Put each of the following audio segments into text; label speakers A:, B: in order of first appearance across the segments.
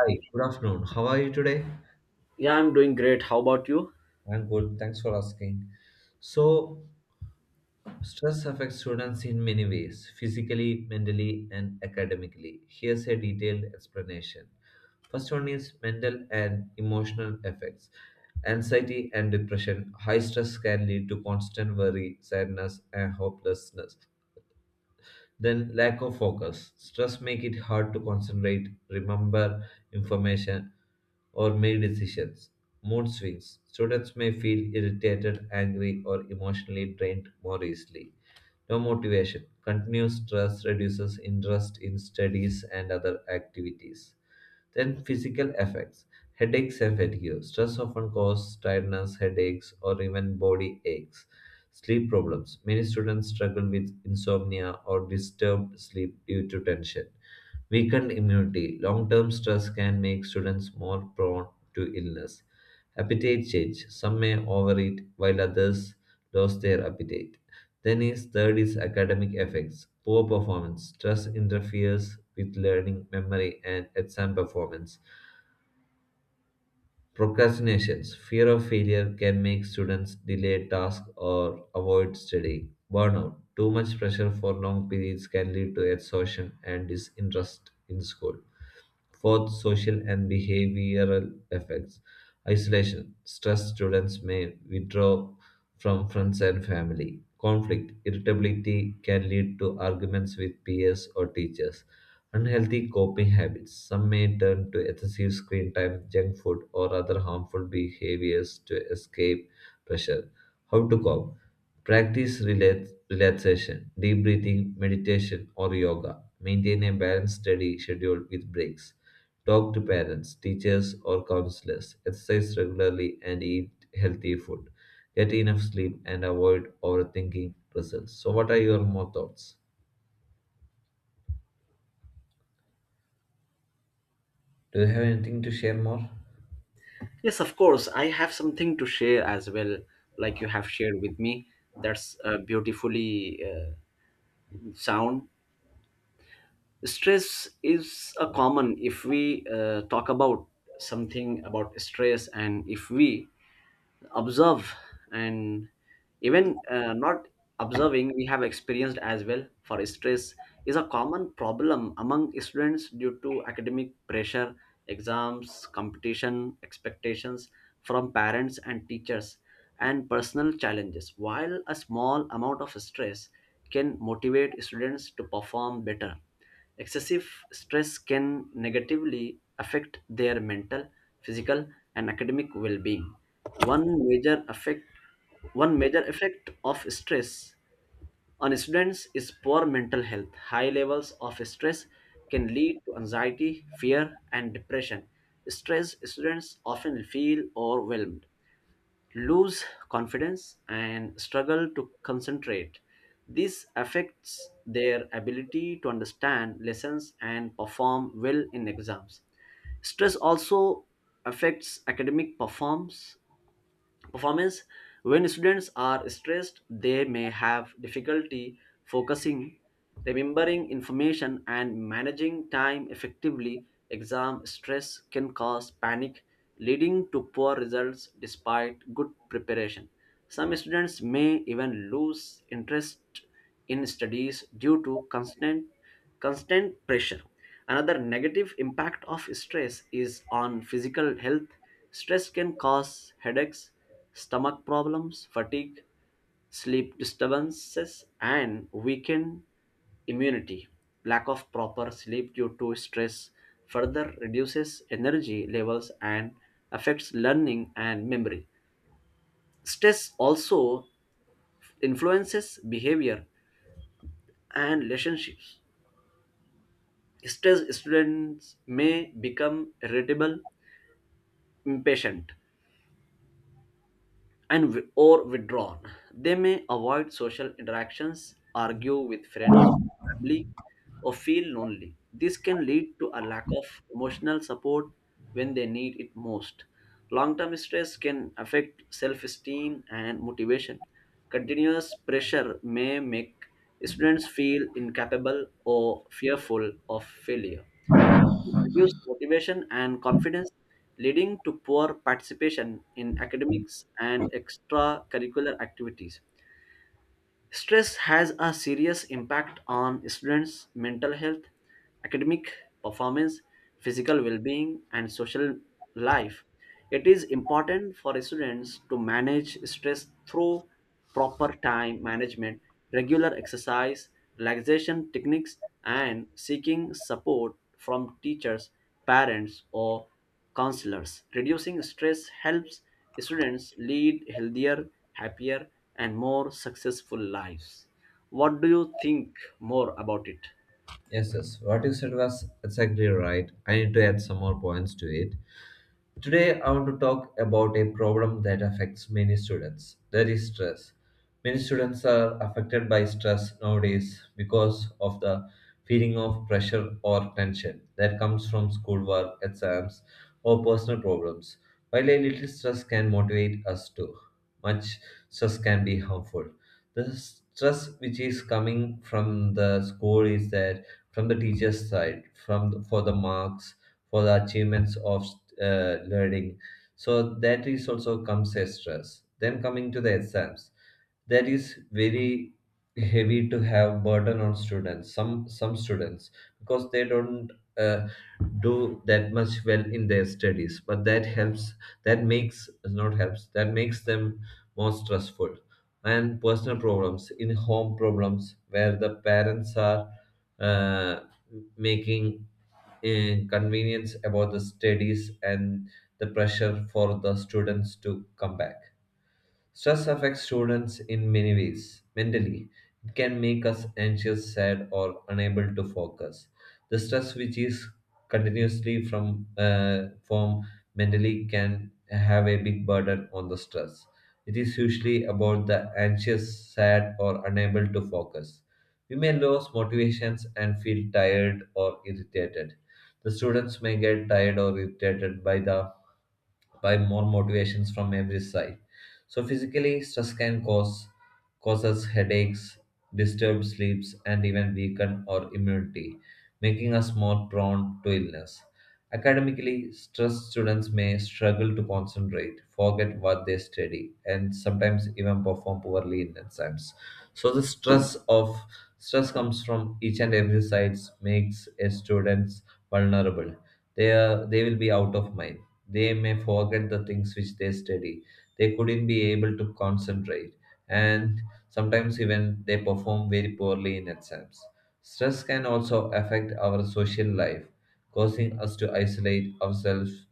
A: Hi, good afternoon. How are you today?
B: Yeah, I'm doing great. How about you?
A: I'm good. Thanks for asking. So, stress affects students in many ways physically, mentally, and academically. Here's a detailed explanation. First one is mental and emotional effects. Anxiety and depression. High stress can lead to constant worry, sadness, and hopelessness. Then lack of focus. Stress make it hard to concentrate, remember information, or make decisions. Mood swings. Students may feel irritated, angry, or emotionally drained more easily. No motivation. Continuous stress reduces interest in studies and other activities. Then physical effects. Headaches and fatigue. Stress often causes tiredness, headaches, or even body aches. Sleep problems. Many students struggle with insomnia or disturbed sleep due to tension. Weakened immunity. Long term stress can make students more prone to illness. Appetite change. Some may overeat while others lose their appetite. Then is third is academic effects. Poor performance. Stress interferes with learning, memory, and exam performance. Procrastinations, fear of failure can make students delay tasks or avoid studying. Burnout, too much pressure for long periods can lead to exhaustion and disinterest in school. Fourth, social and behavioral effects. Isolation, stressed students may withdraw from friends and family. Conflict, irritability can lead to arguments with peers or teachers. Unhealthy coping habits. Some may turn to excessive screen time, junk food, or other harmful behaviors to escape pressure. How to cope? Practice relaxation, deep breathing, meditation, or yoga. Maintain a balanced study schedule with breaks. Talk to parents, teachers, or counselors. Exercise regularly and eat healthy food. Get enough sleep and avoid overthinking results. So, what are your more thoughts? Do you have anything to share more?
B: Yes, of course. I have something to share as well, like you have shared with me. That's beautifully sound. Stress is a common if we talk about something about stress, and if we observe and even not observing, we have experienced as well, for stress is a common problem among students due to academic pressure, exams, competition, expectations from parents and teachers, and personal challenges. While a small amount of stress can motivate students to perform better, excessive stress can negatively affect their mental, physical, and academic well-being. One major effect one major effect of stress on students is poor mental health. High levels of stress can lead to anxiety, fear, and depression. Stressed students often feel overwhelmed, lose confidence, and struggle to concentrate. This affects their ability to understand lessons and perform well in exams. Stress also affects academic performance. When students are stressed, they may have difficulty focusing, remembering information, and managing time effectively. Exam stress can cause panic, leading to poor results despite good preparation. Some students may even lose interest in studies due to constant pressure. Another negative impact of stress is on physical health. Stress can cause headaches, stomach problems, fatigue, sleep disturbances, and weakened immunity. Lack of proper sleep due to stress further reduces energy levels and affects learning and memory. Stress also influences behavior and relationships. Stressed students may become irritable, impatient, and or withdrawn. They may avoid social interactions, argue with friends, family, or feel lonely. This can lead to a lack of emotional support when they need it most. Long term stress can affect self esteem and motivation. Continuous pressure may make students feel incapable or fearful of failure. Reduce motivation and confidence, leading to poor participation in academics and extracurricular activities. Stress has a serious impact on students' mental health, academic performance, physical well being, and social life. It is important for students to manage stress through proper time management, regular exercise, relaxation techniques, and seeking support from teachers, parents, or counselors. Reducing stress helps students lead healthier, happier, and more successful lives. What do you think more about it?
A: Yes, yes. What you said was exactly right. I need to add some more points to it. Today, I want to talk about a problem that affects many students, that is, stress. Many students are affected by stress nowadays because of the feeling of pressure or tension that comes from schoolwork, exams, or personal problems. While a little stress can motivate us, too much stress can be harmful. The stress which is coming from the school is that from the teacher's side, from the, for the marks, for the achievements of learning. So that is also comes as stress. Then coming to the exams, that is very heavy to have burden on students. Some students because they don't uh, do that much well in their studies, but that helps. That makes not helps. That makes them more stressful, and personal problems in home problems where the parents are uh, making convenience about the studies and the pressure for the students to come back. Stress affects students in many ways. Mentally, it can make us anxious, sad, or unable to focus. The stress which is continuously from mentally can have a big burden on the stress. It is usually about the anxious, sad, or unable to focus. We may lose motivations and feel tired or irritated. The students may get tired or irritated by the by more motivations from every side. So physically, stress can causes headaches, disturbed sleeps, and even weaken our immunity, making us more prone to illness. Academically, stressed students may struggle to concentrate, forget what they study, and sometimes even perform poorly in exams. So the stress comes from each and every sides makes a students vulnerable, they will be out of mind, they may forget the things which they study, they couldn't be able to concentrate, and sometimes even they perform very poorly in exams. Stress can also affect our social life, causing us to isolate ourselves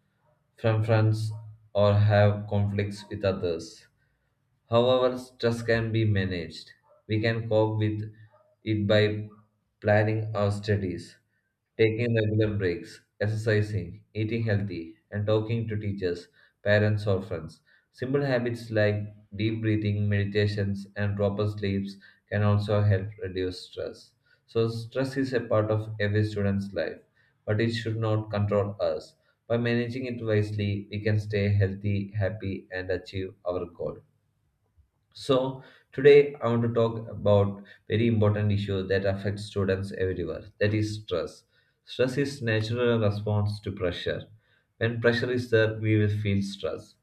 A: from friends or have conflicts with others. However, stress can be managed. We can cope with it by planning our studies, taking regular breaks, exercising, eating healthy, and talking to teachers, parents, or friends. Simple habits like deep breathing, meditations, and proper sleeps can also help reduce stress. So, stress is a part of every student's life, but it should not control us. By managing it wisely, we can stay healthy, happy, and achieve our goal. So today I want to talk about very important issue that affects students everywhere. That is stress. Stress is natural response to pressure. When pressure is there, we will feel stress.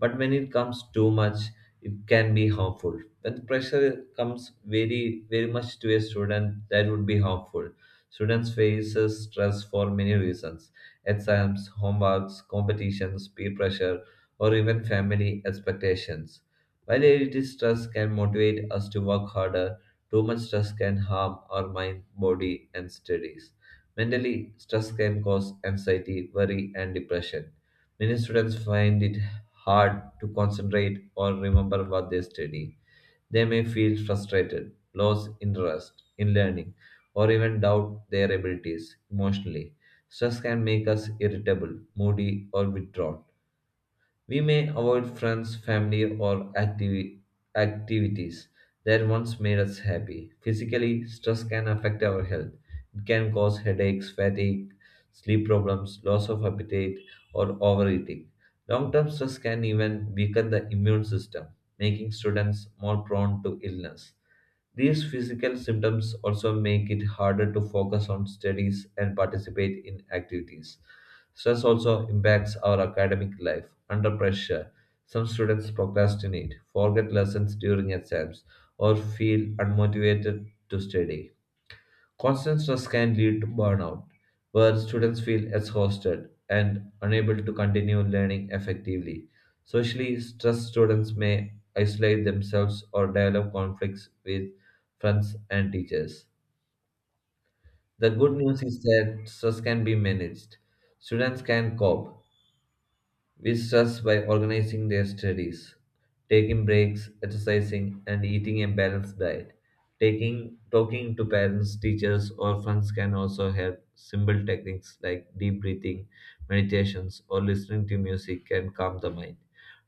A: But when it comes too much, it can be harmful. When pressure comes very very much to a student, that would be harmful. Students faces stress for many reasons: exams, homeworks, competitions, peer pressure, or even family expectations. While little stress can motivate us to work harder, too much stress can harm our mind, body, and studies. Mentally, stress can cause anxiety, worry, and depression. Many students find it hard to concentrate or remember what they study. They may feel frustrated, lose interest in learning, or even doubt their abilities emotionally. Stress can make us irritable, moody, or withdrawn. We may avoid friends, family, or activities that once made us happy. Physically, stress can affect our health. It can cause headaches, fatigue, sleep problems, loss of appetite, or overeating. Long term stress can even weaken the immune system, making students more prone to illness. These physical symptoms also make it harder to focus on studies and participate in activities. Stress also impacts our academic life. Under pressure, some students procrastinate, forget lessons during exams, or feel unmotivated to study. Constant stress can lead to burnout, where students feel exhausted and unable to continue learning effectively. Socially stressed students may isolate themselves or develop conflicts with friends and teachers. The good news is that stress can be managed. Students can cope, we stress by organizing their studies, taking breaks, exercising, and eating a balanced diet. Taking Talking to parents, teachers, or friends can also help. Simple techniques like deep breathing, meditations, or listening to music can calm the mind.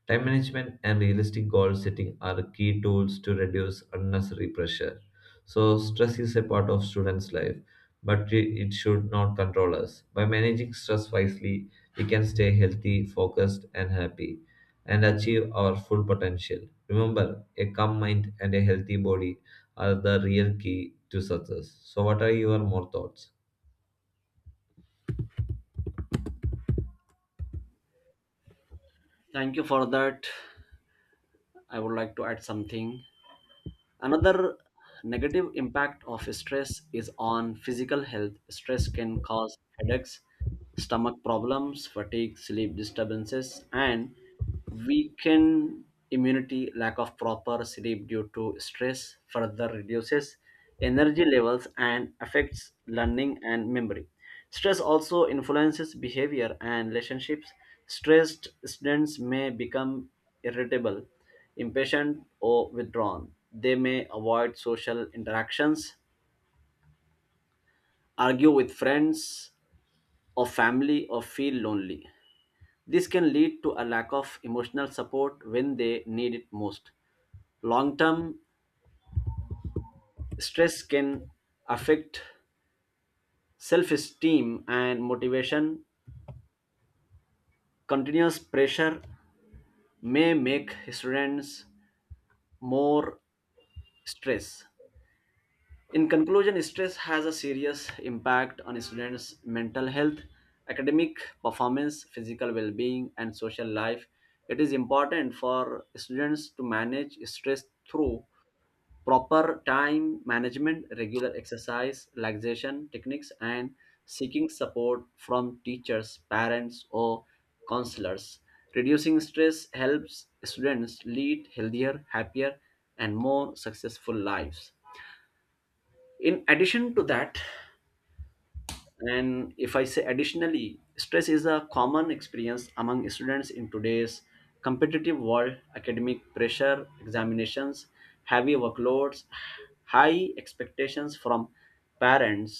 A: Time management and realistic goal setting are key tools to reduce unnecessary pressure. So, stress is a part of students' life, but it should not control us. By managing stress wisely, we can stay healthy, focused, and happy and achieve our full potential. Remember, a calm mind and a healthy body are the real key to success. So, what are your more thoughts?
B: Thank you for that. I would like to add something. Another negative impact of stress is on physical health. Stress can cause headaches, stomach problems, fatigue, sleep disturbances, and weakened immunity. Lack of proper sleep due to stress further reduces energy levels and affects learning and memory. Stress also influences behavior and relationships. Stressed students may become irritable, impatient, or withdrawn. They may avoid social interactions, argue with friends or family, or feel lonely. This can lead to a lack of emotional support when they need it most. Long term stress can affect self esteem and motivation. Continuous pressure may make students more stressed. In conclusion, stress has a serious impact on students' mental health, academic performance, physical well being, and social life. It is important for students to manage stress through proper time management, regular exercise, relaxation techniques, and seeking support from teachers, parents, or counselors. Reducing stress helps students lead healthier, happier, and more successful lives. In addition to that, and if I say additionally, stress is a common experience among students in today's competitive world. Academic pressure, examinations, heavy workloads, high expectations from parents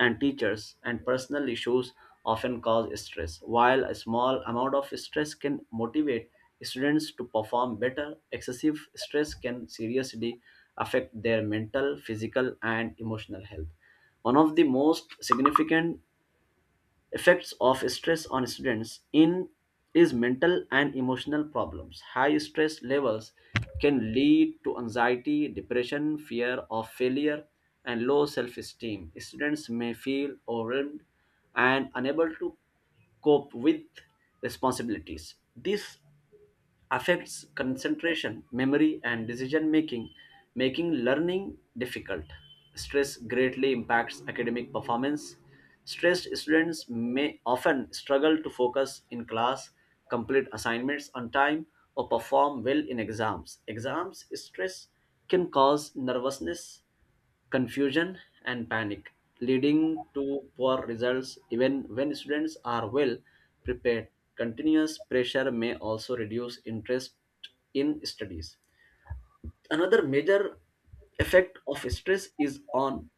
B: and teachers, and personal issues often cause stress. While a small amount of stress can motivate students to perform better, excessive stress can seriously affect their mental, physical, and emotional health. One of the most significant effects of stress on students in is mental and emotional problems. High stress levels can lead to anxiety, depression, fear of failure, and low self-esteem. Students may feel overwhelmed and unable to cope with responsibilities. This affects concentration, memory, and decision making, making learning difficult. Stress greatly impacts academic performance. Stressed students may often struggle to focus in class, complete assignments on time, or perform well in exams. Exams stress can cause nervousness, confusion, and panic, leading to poor results even when students are well prepared. Continuous pressure may also reduce interest in studies. Another major effect of stress is on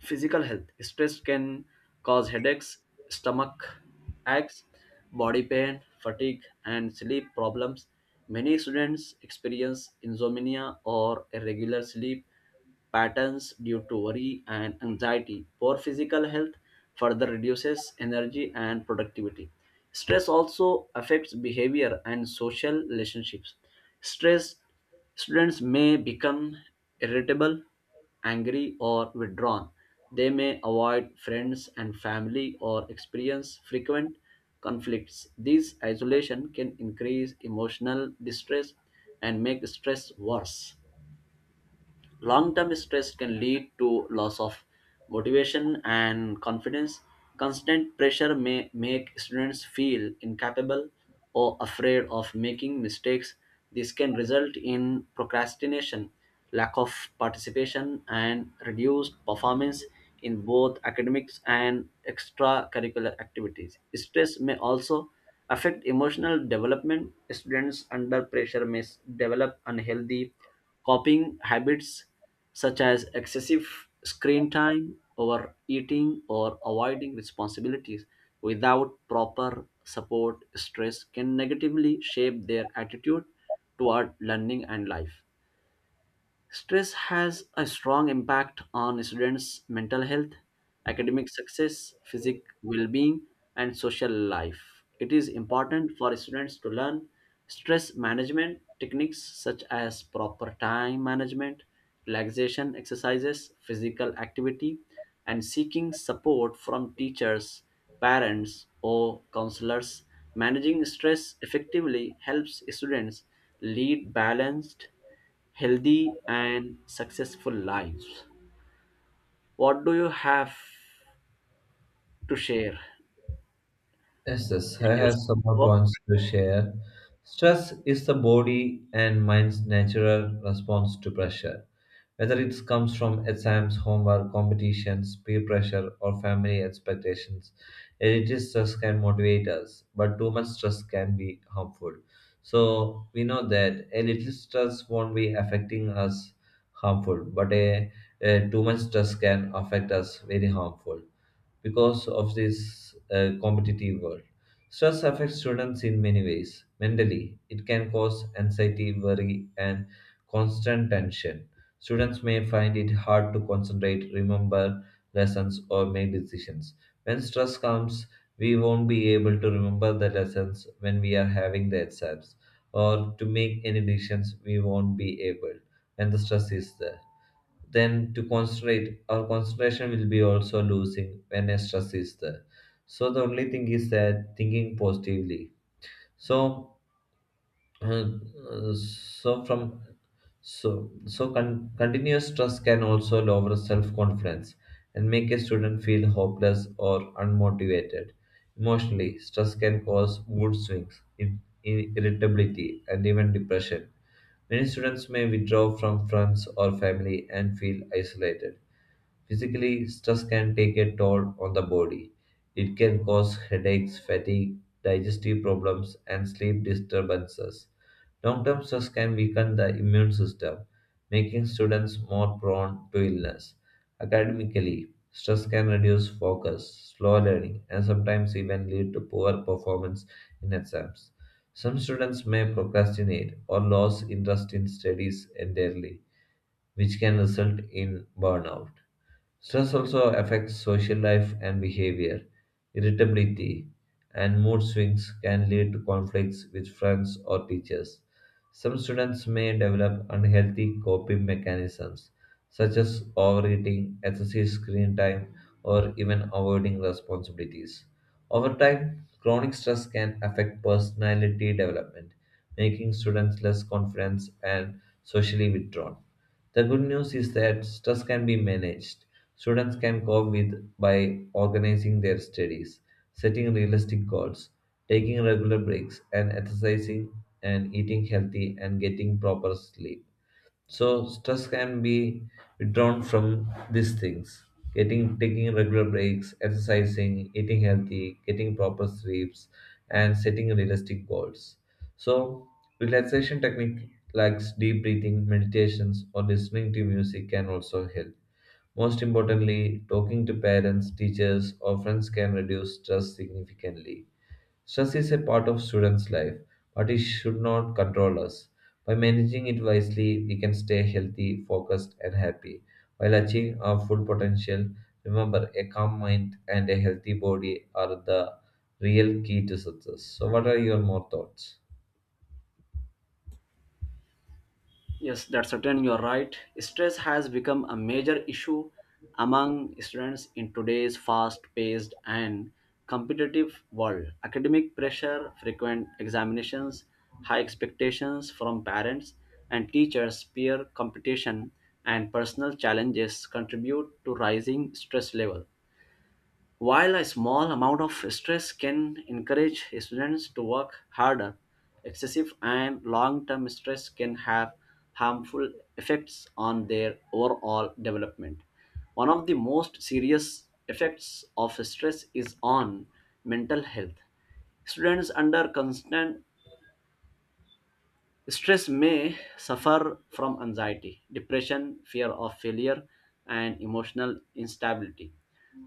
B: physical health. Stress can cause headaches, stomach aches, body pain, fatigue, and sleep problems. Many students experience insomnia or irregular sleep patterns due to worry and anxiety. Poor physical health further reduces energy and productivity. Stress also affects behavior and social relationships. Stress students may become irritable, angry, or withdrawn. They may avoid friends and family or experience frequent conflicts. This isolation can increase emotional distress and make stress worse. Long term stress can lead to loss of motivation and confidence. Constant pressure may make students feel incapable or afraid of making mistakes. This can result in procrastination, lack of participation, and reduced performance in both academics and extracurricular activities. Stress may also affect emotional development. Students under pressure may develop unhealthy copying habits such as excessive screen time, overeating, or avoiding responsibilities. Without proper support, stress can negatively shape their attitude toward learning and life. Stress has a strong impact on students' mental health, academic success, physical well being, and social life. It is important for students to learn stress management techniques such as proper time management, relaxation exercises, physical activity, and seeking support from teachers, parents, or counselors. Managing stress effectively helps students lead balanced, healthy, and successful lives. What do you have to share?
A: Yes, yes,
B: To
A: I
B: share
A: have some
B: something
A: more
B: more?
A: points to share. Stress is the body and mind's natural response to pressure. Whether it comes from exams, homework, competitions, peer pressure, or family expectations, it stress can motivate us, but too much stress can be harmful. So we know that a little stress won't be affecting us harmful, but a too much stress can affect us very harmful because of this competitive world. Stress affects students in many ways. Mentally, it can cause anxiety, worry, and constant tension. Students may find it hard to concentrate, remember lessons, or make decisions. When stress comes, we won't be able to remember the lessons when we are having the exams, or to make any decisions we won't be able when the stress is there. Then to concentrate, our concentration will be also losing when a stress is there. So the only thing is that thinking positively. So uh, uh, so from so so con- continuous stress can also lower self confidence and make a student feel hopeless or unmotivated. Emotionally, stress can cause mood swings, in irritability, and even depression. Many students may withdraw from friends or family and feel isolated. Physically, stress can take a toll on the body. It can cause headaches, fatigue, digestive problems, and sleep disturbances. Long term stress can weaken the immune system, making students more prone to illness. Academically, stress can reduce focus, slow learning, and sometimes even lead to poor performance in exams. Some students may procrastinate or lose interest in studies entirely, which can result in burnout. Stress also affects social life and behavior. Irritability and mood swings can lead to conflicts with friends or teachers. Some students may develop unhealthy coping mechanisms, such as overeating, excessive screen time, or even avoiding responsibilities. Over time, chronic stress can affect personality development, making students less confident and socially withdrawn. The good news is that stress can be managed. Students can cope with by organizing their studies, setting realistic goals, taking regular breaks, and exercising and eating healthy and getting proper sleep. So stress can be withdrawn from these things. Getting taking regular breaks, exercising, eating healthy, getting proper sleeps, and setting realistic goals. So relaxation technique like deep breathing, meditations, or listening to music can also help. Most importantly, talking to parents, teachers, or friends can reduce stress significantly. Stress is a part of students' life, but it should not control us. By managing it wisely, we can stay healthy, focused, and happy while achieving our full potential. Remember, a calm mind and a healthy body are the real key to success. So, what are your more thoughts?
B: Yes, that's certain. You're right. Stress has become a major issue among students in today's fast paced and competitive world. Academic pressure, frequent examinations, high expectations from parents and teachers, peer competition, and personal challenges contribute to rising stress level. While a small amount of stress can encourage students to work harder, excessive and long term stress can have harmful effects on their overall development. One of the most serious effects of stress is on mental health. Students under constant stress may suffer from anxiety, depression, fear of failure, and emotional instability.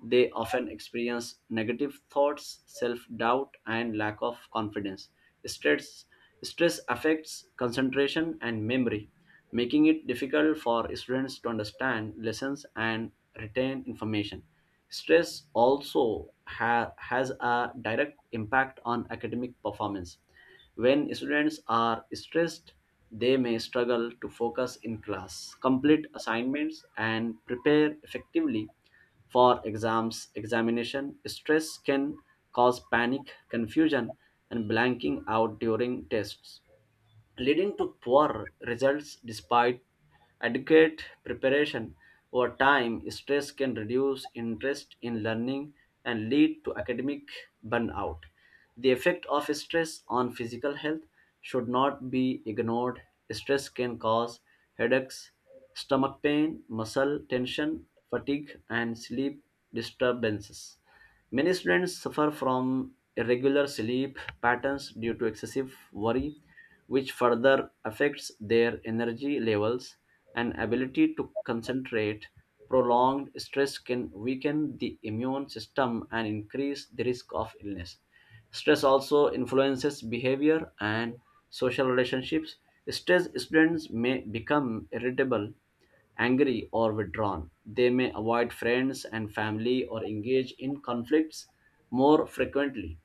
B: They often experience negative thoughts, self doubt, and lack of confidence. Stress, stress affects concentration and memory, making it difficult for students to understand lessons and retain information. Stress also has a direct impact on academic performance. When students are stressed, they may struggle to focus in class, complete assignments, and prepare effectively for exams. Examination stress can cause panic, confusion, and blanking out during tests, leading to poor results despite adequate preparation. Over time, stress can reduce interest in learning and lead to academic burnout. The effect of stress on physical health should not be ignored. Stress can cause headaches, stomach pain, muscle tension, fatigue, and sleep disturbances. Many students suffer from irregular sleep patterns due to excessive worry, which further affects their energy levels and ability to concentrate. Prolonged stress can weaken the immune system and increase the risk of illness. Stress also influences behavior and social relationships. Stressed students may become irritable, angry, or withdrawn. They may avoid friends and family or engage in conflicts more frequently.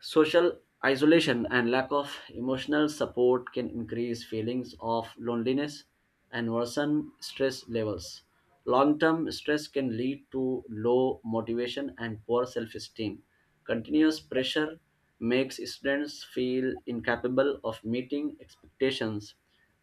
B: Social isolation and lack of emotional support can increase feelings of loneliness and worsen stress levels. Long term stress can lead to low motivation and poor self esteem. Continuous pressure makes students feel incapable of meeting expectations.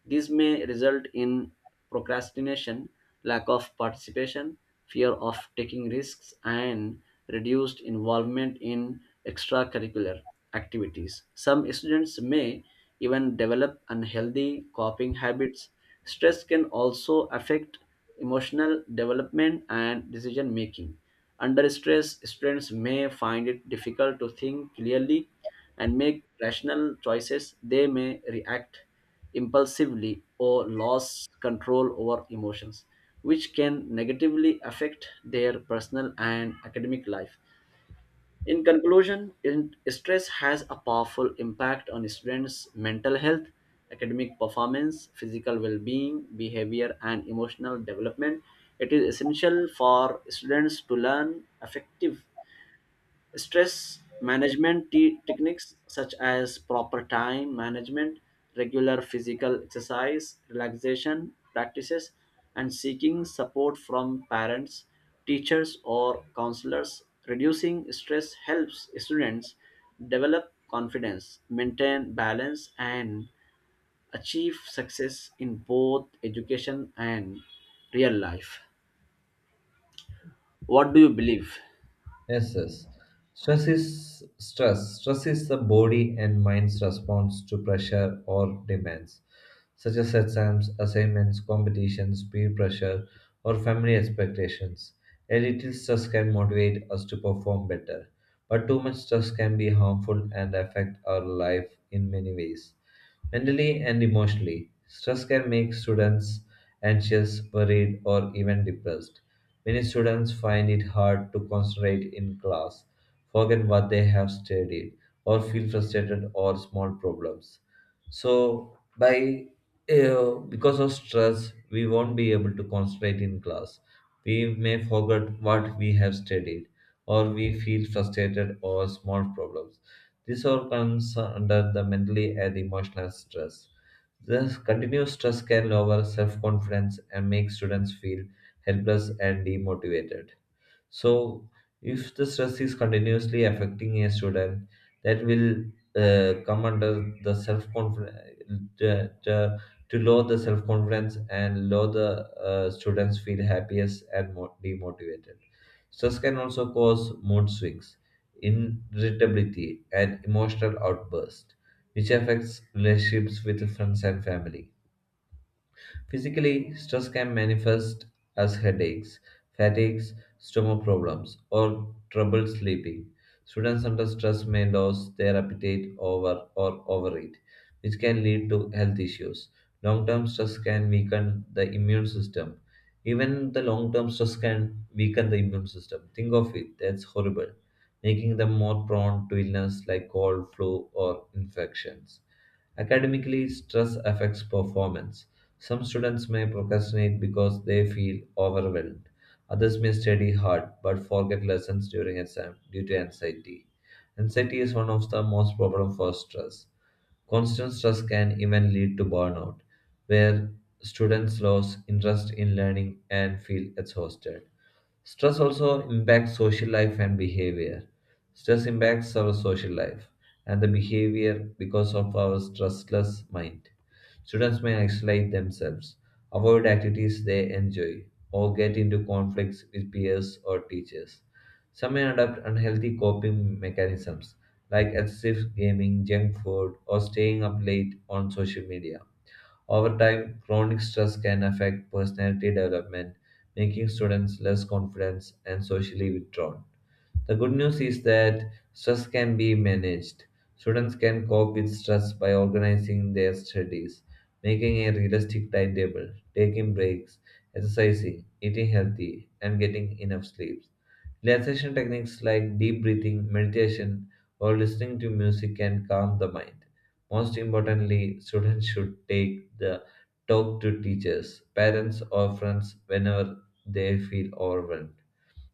B: This may result in procrastination, lack of participation, fear of taking risks, and reduced involvement in extracurricular activities. Some students may even develop unhealthy coping habits. Stress can also affect emotional development and decision making. Under stress, students may find it difficult to think clearly and make rational choices. They may react impulsively or lose control over emotions, which can negatively affect their personal and academic life. In conclusion, stress has a powerful impact on students' mental health, academic performance, physical well being, behavior, and emotional development. It is essential for students to learn effective stress management techniques such as proper time management, regular physical exercise, relaxation practices, and seeking support from parents, teachers, or counselors. Reducing stress helps students develop confidence, maintain balance, and achieve success in both education and real life. What do you believe?
A: Yes, yes. Stress is stress. Stress is the body and mind's response to pressure or demands, such as exams, assignments, competitions, peer pressure, or family expectations. A little stress can motivate us to perform better, but too much stress can be harmful and affect our life in many ways. Mentally and emotionally, stress can make students anxious, worried, or even depressed. Many students find it hard to concentrate in class, forget what they have studied, or feel frustrated or small problems. So, by because of stress, we won't be able to concentrate in class. We may forget what we have studied, or we feel frustrated or small problems. This all comes under the mentally and emotional stress. This continuous stress can lower self confidence and make students feel helpless and demotivated. So, if the stress is continuously affecting a student, that will come under the self confidence to, to, to lower the self confidence and lower the students feel happiest and more demotivated. Stress can also cause mood swings, irritability, and emotional outbursts, which affects relationships with friends and family. Physically, stress can manifest as headaches, fatigues, stomach problems, or trouble sleeping. Students under stress may lose their appetite over or overeat, which can lead to health issues. Long term stress can weaken the immune system. Even the long term stress can weaken the immune system. Think of it, that's horrible, making them more prone to illness like cold, flu, or infections. Academically, stress affects performance. Some students may procrastinate because they feel overwhelmed. Others may study hard but forget lessons during exam due to anxiety. Anxiety is one of the most problem for stress. Constant stress can even lead to burnout, where students lose interest in learning and feel exhausted. Stress also impacts social life and behavior. Stress impacts our social life and the behavior because of our stressless mind. Students may isolate themselves, avoid activities they enjoy, or get into conflicts with peers or teachers. Some may adopt unhealthy coping mechanisms like excessive gaming, junk food, or staying up late on social media. Over time, chronic stress can affect personality development, making students less confident and socially withdrawn. The good news is that stress can be managed. Students can cope with stress by organizing their studies, making a realistic timetable, taking breaks, exercising, eating healthy, and getting enough sleep. Relaxation techniques like deep breathing, meditation, or listening to music can calm the mind. Most importantly, students should take the talk to teachers, parents, or friends whenever they feel overwhelmed.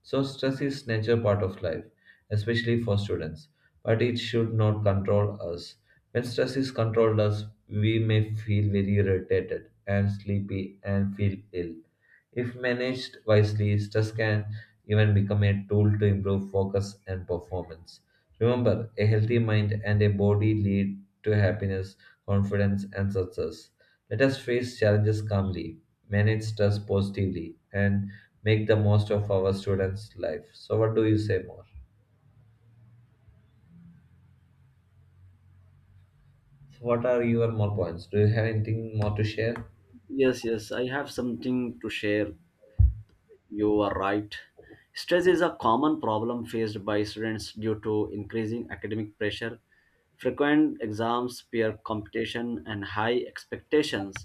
A: So, stress is nature part of life, especially for students, but it should not control us. When stress is controlled us, we may feel very irritated and sleepy and feel ill. If managed wisely, stress can even become a tool to improve focus and performance. Remember, a healthy mind and a body lead to happiness, confidence, and success. Let us face challenges calmly, manage stress positively, and make the most of our students' life. So, what do you say more? So what are your more points? Do you have anything more to share?
B: Yes, yes, I have something to share. You are right. Stress is a common problem faced by students due to increasing academic pressure. Frequent exams, peer competition, and high expectations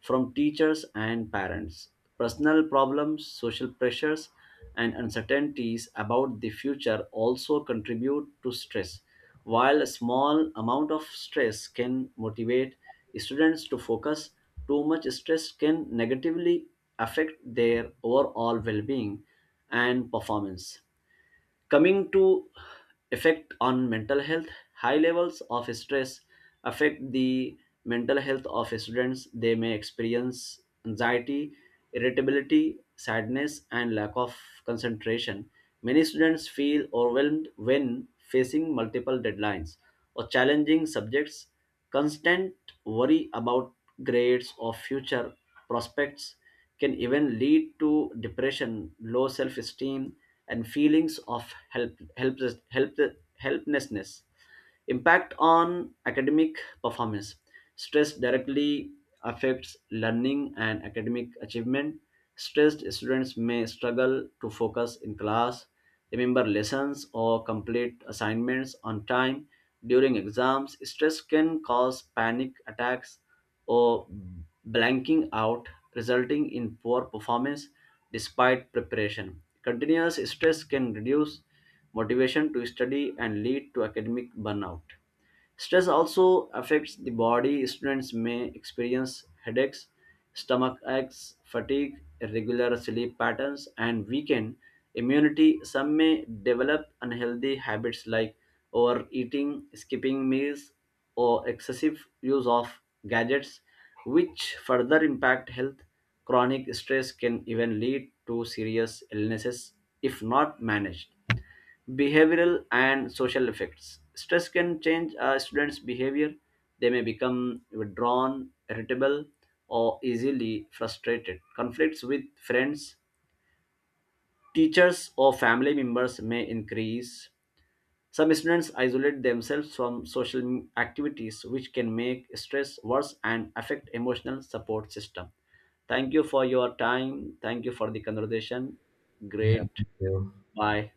B: from teachers and parents, personal problems, social pressures, and uncertainties about the future also contribute to stress. While a small amount of stress can motivate students to focus, too much stress can negatively affect their overall well being and performance. Coming to effect on mental health, high levels of stress affect the mental health of students. They may experience anxiety, irritability, sadness, and lack of concentration. Many students feel overwhelmed when facing multiple deadlines or challenging subjects. Constant worry about grades or future prospects can even lead to depression, low self esteem, and feelings of helplessness. Impact on academic performance. Stress directly affects learning and academic achievement. Stressed students may struggle to focus in class, remember lessons, or complete assignments on time. During exams, stress can cause panic attacks or blanking out, resulting in poor performance despite preparation. Continuous stress can reduce motivation to study and lead to academic burnout. Stress also affects the body. Students may experience headaches, stomach aches, fatigue, irregular sleep patterns, and weakened immunity. Some may develop unhealthy habits like overeating, skipping meals, or excessive use of gadgets, which further impact health. Chronic stress can even lead to serious illnesses if not managed. Behavioral and social effects. Stress can change a student's behavior. They may become withdrawn, irritable, or easily frustrated. Conflicts with friends, teachers, or family members may increase. Some students isolate themselves from social activities, which can make stress worse and affect emotional support system. Thank you for your time. Thank you for the conversation.
A: Yeah,
B: Great.
A: thank you.
B: Bye.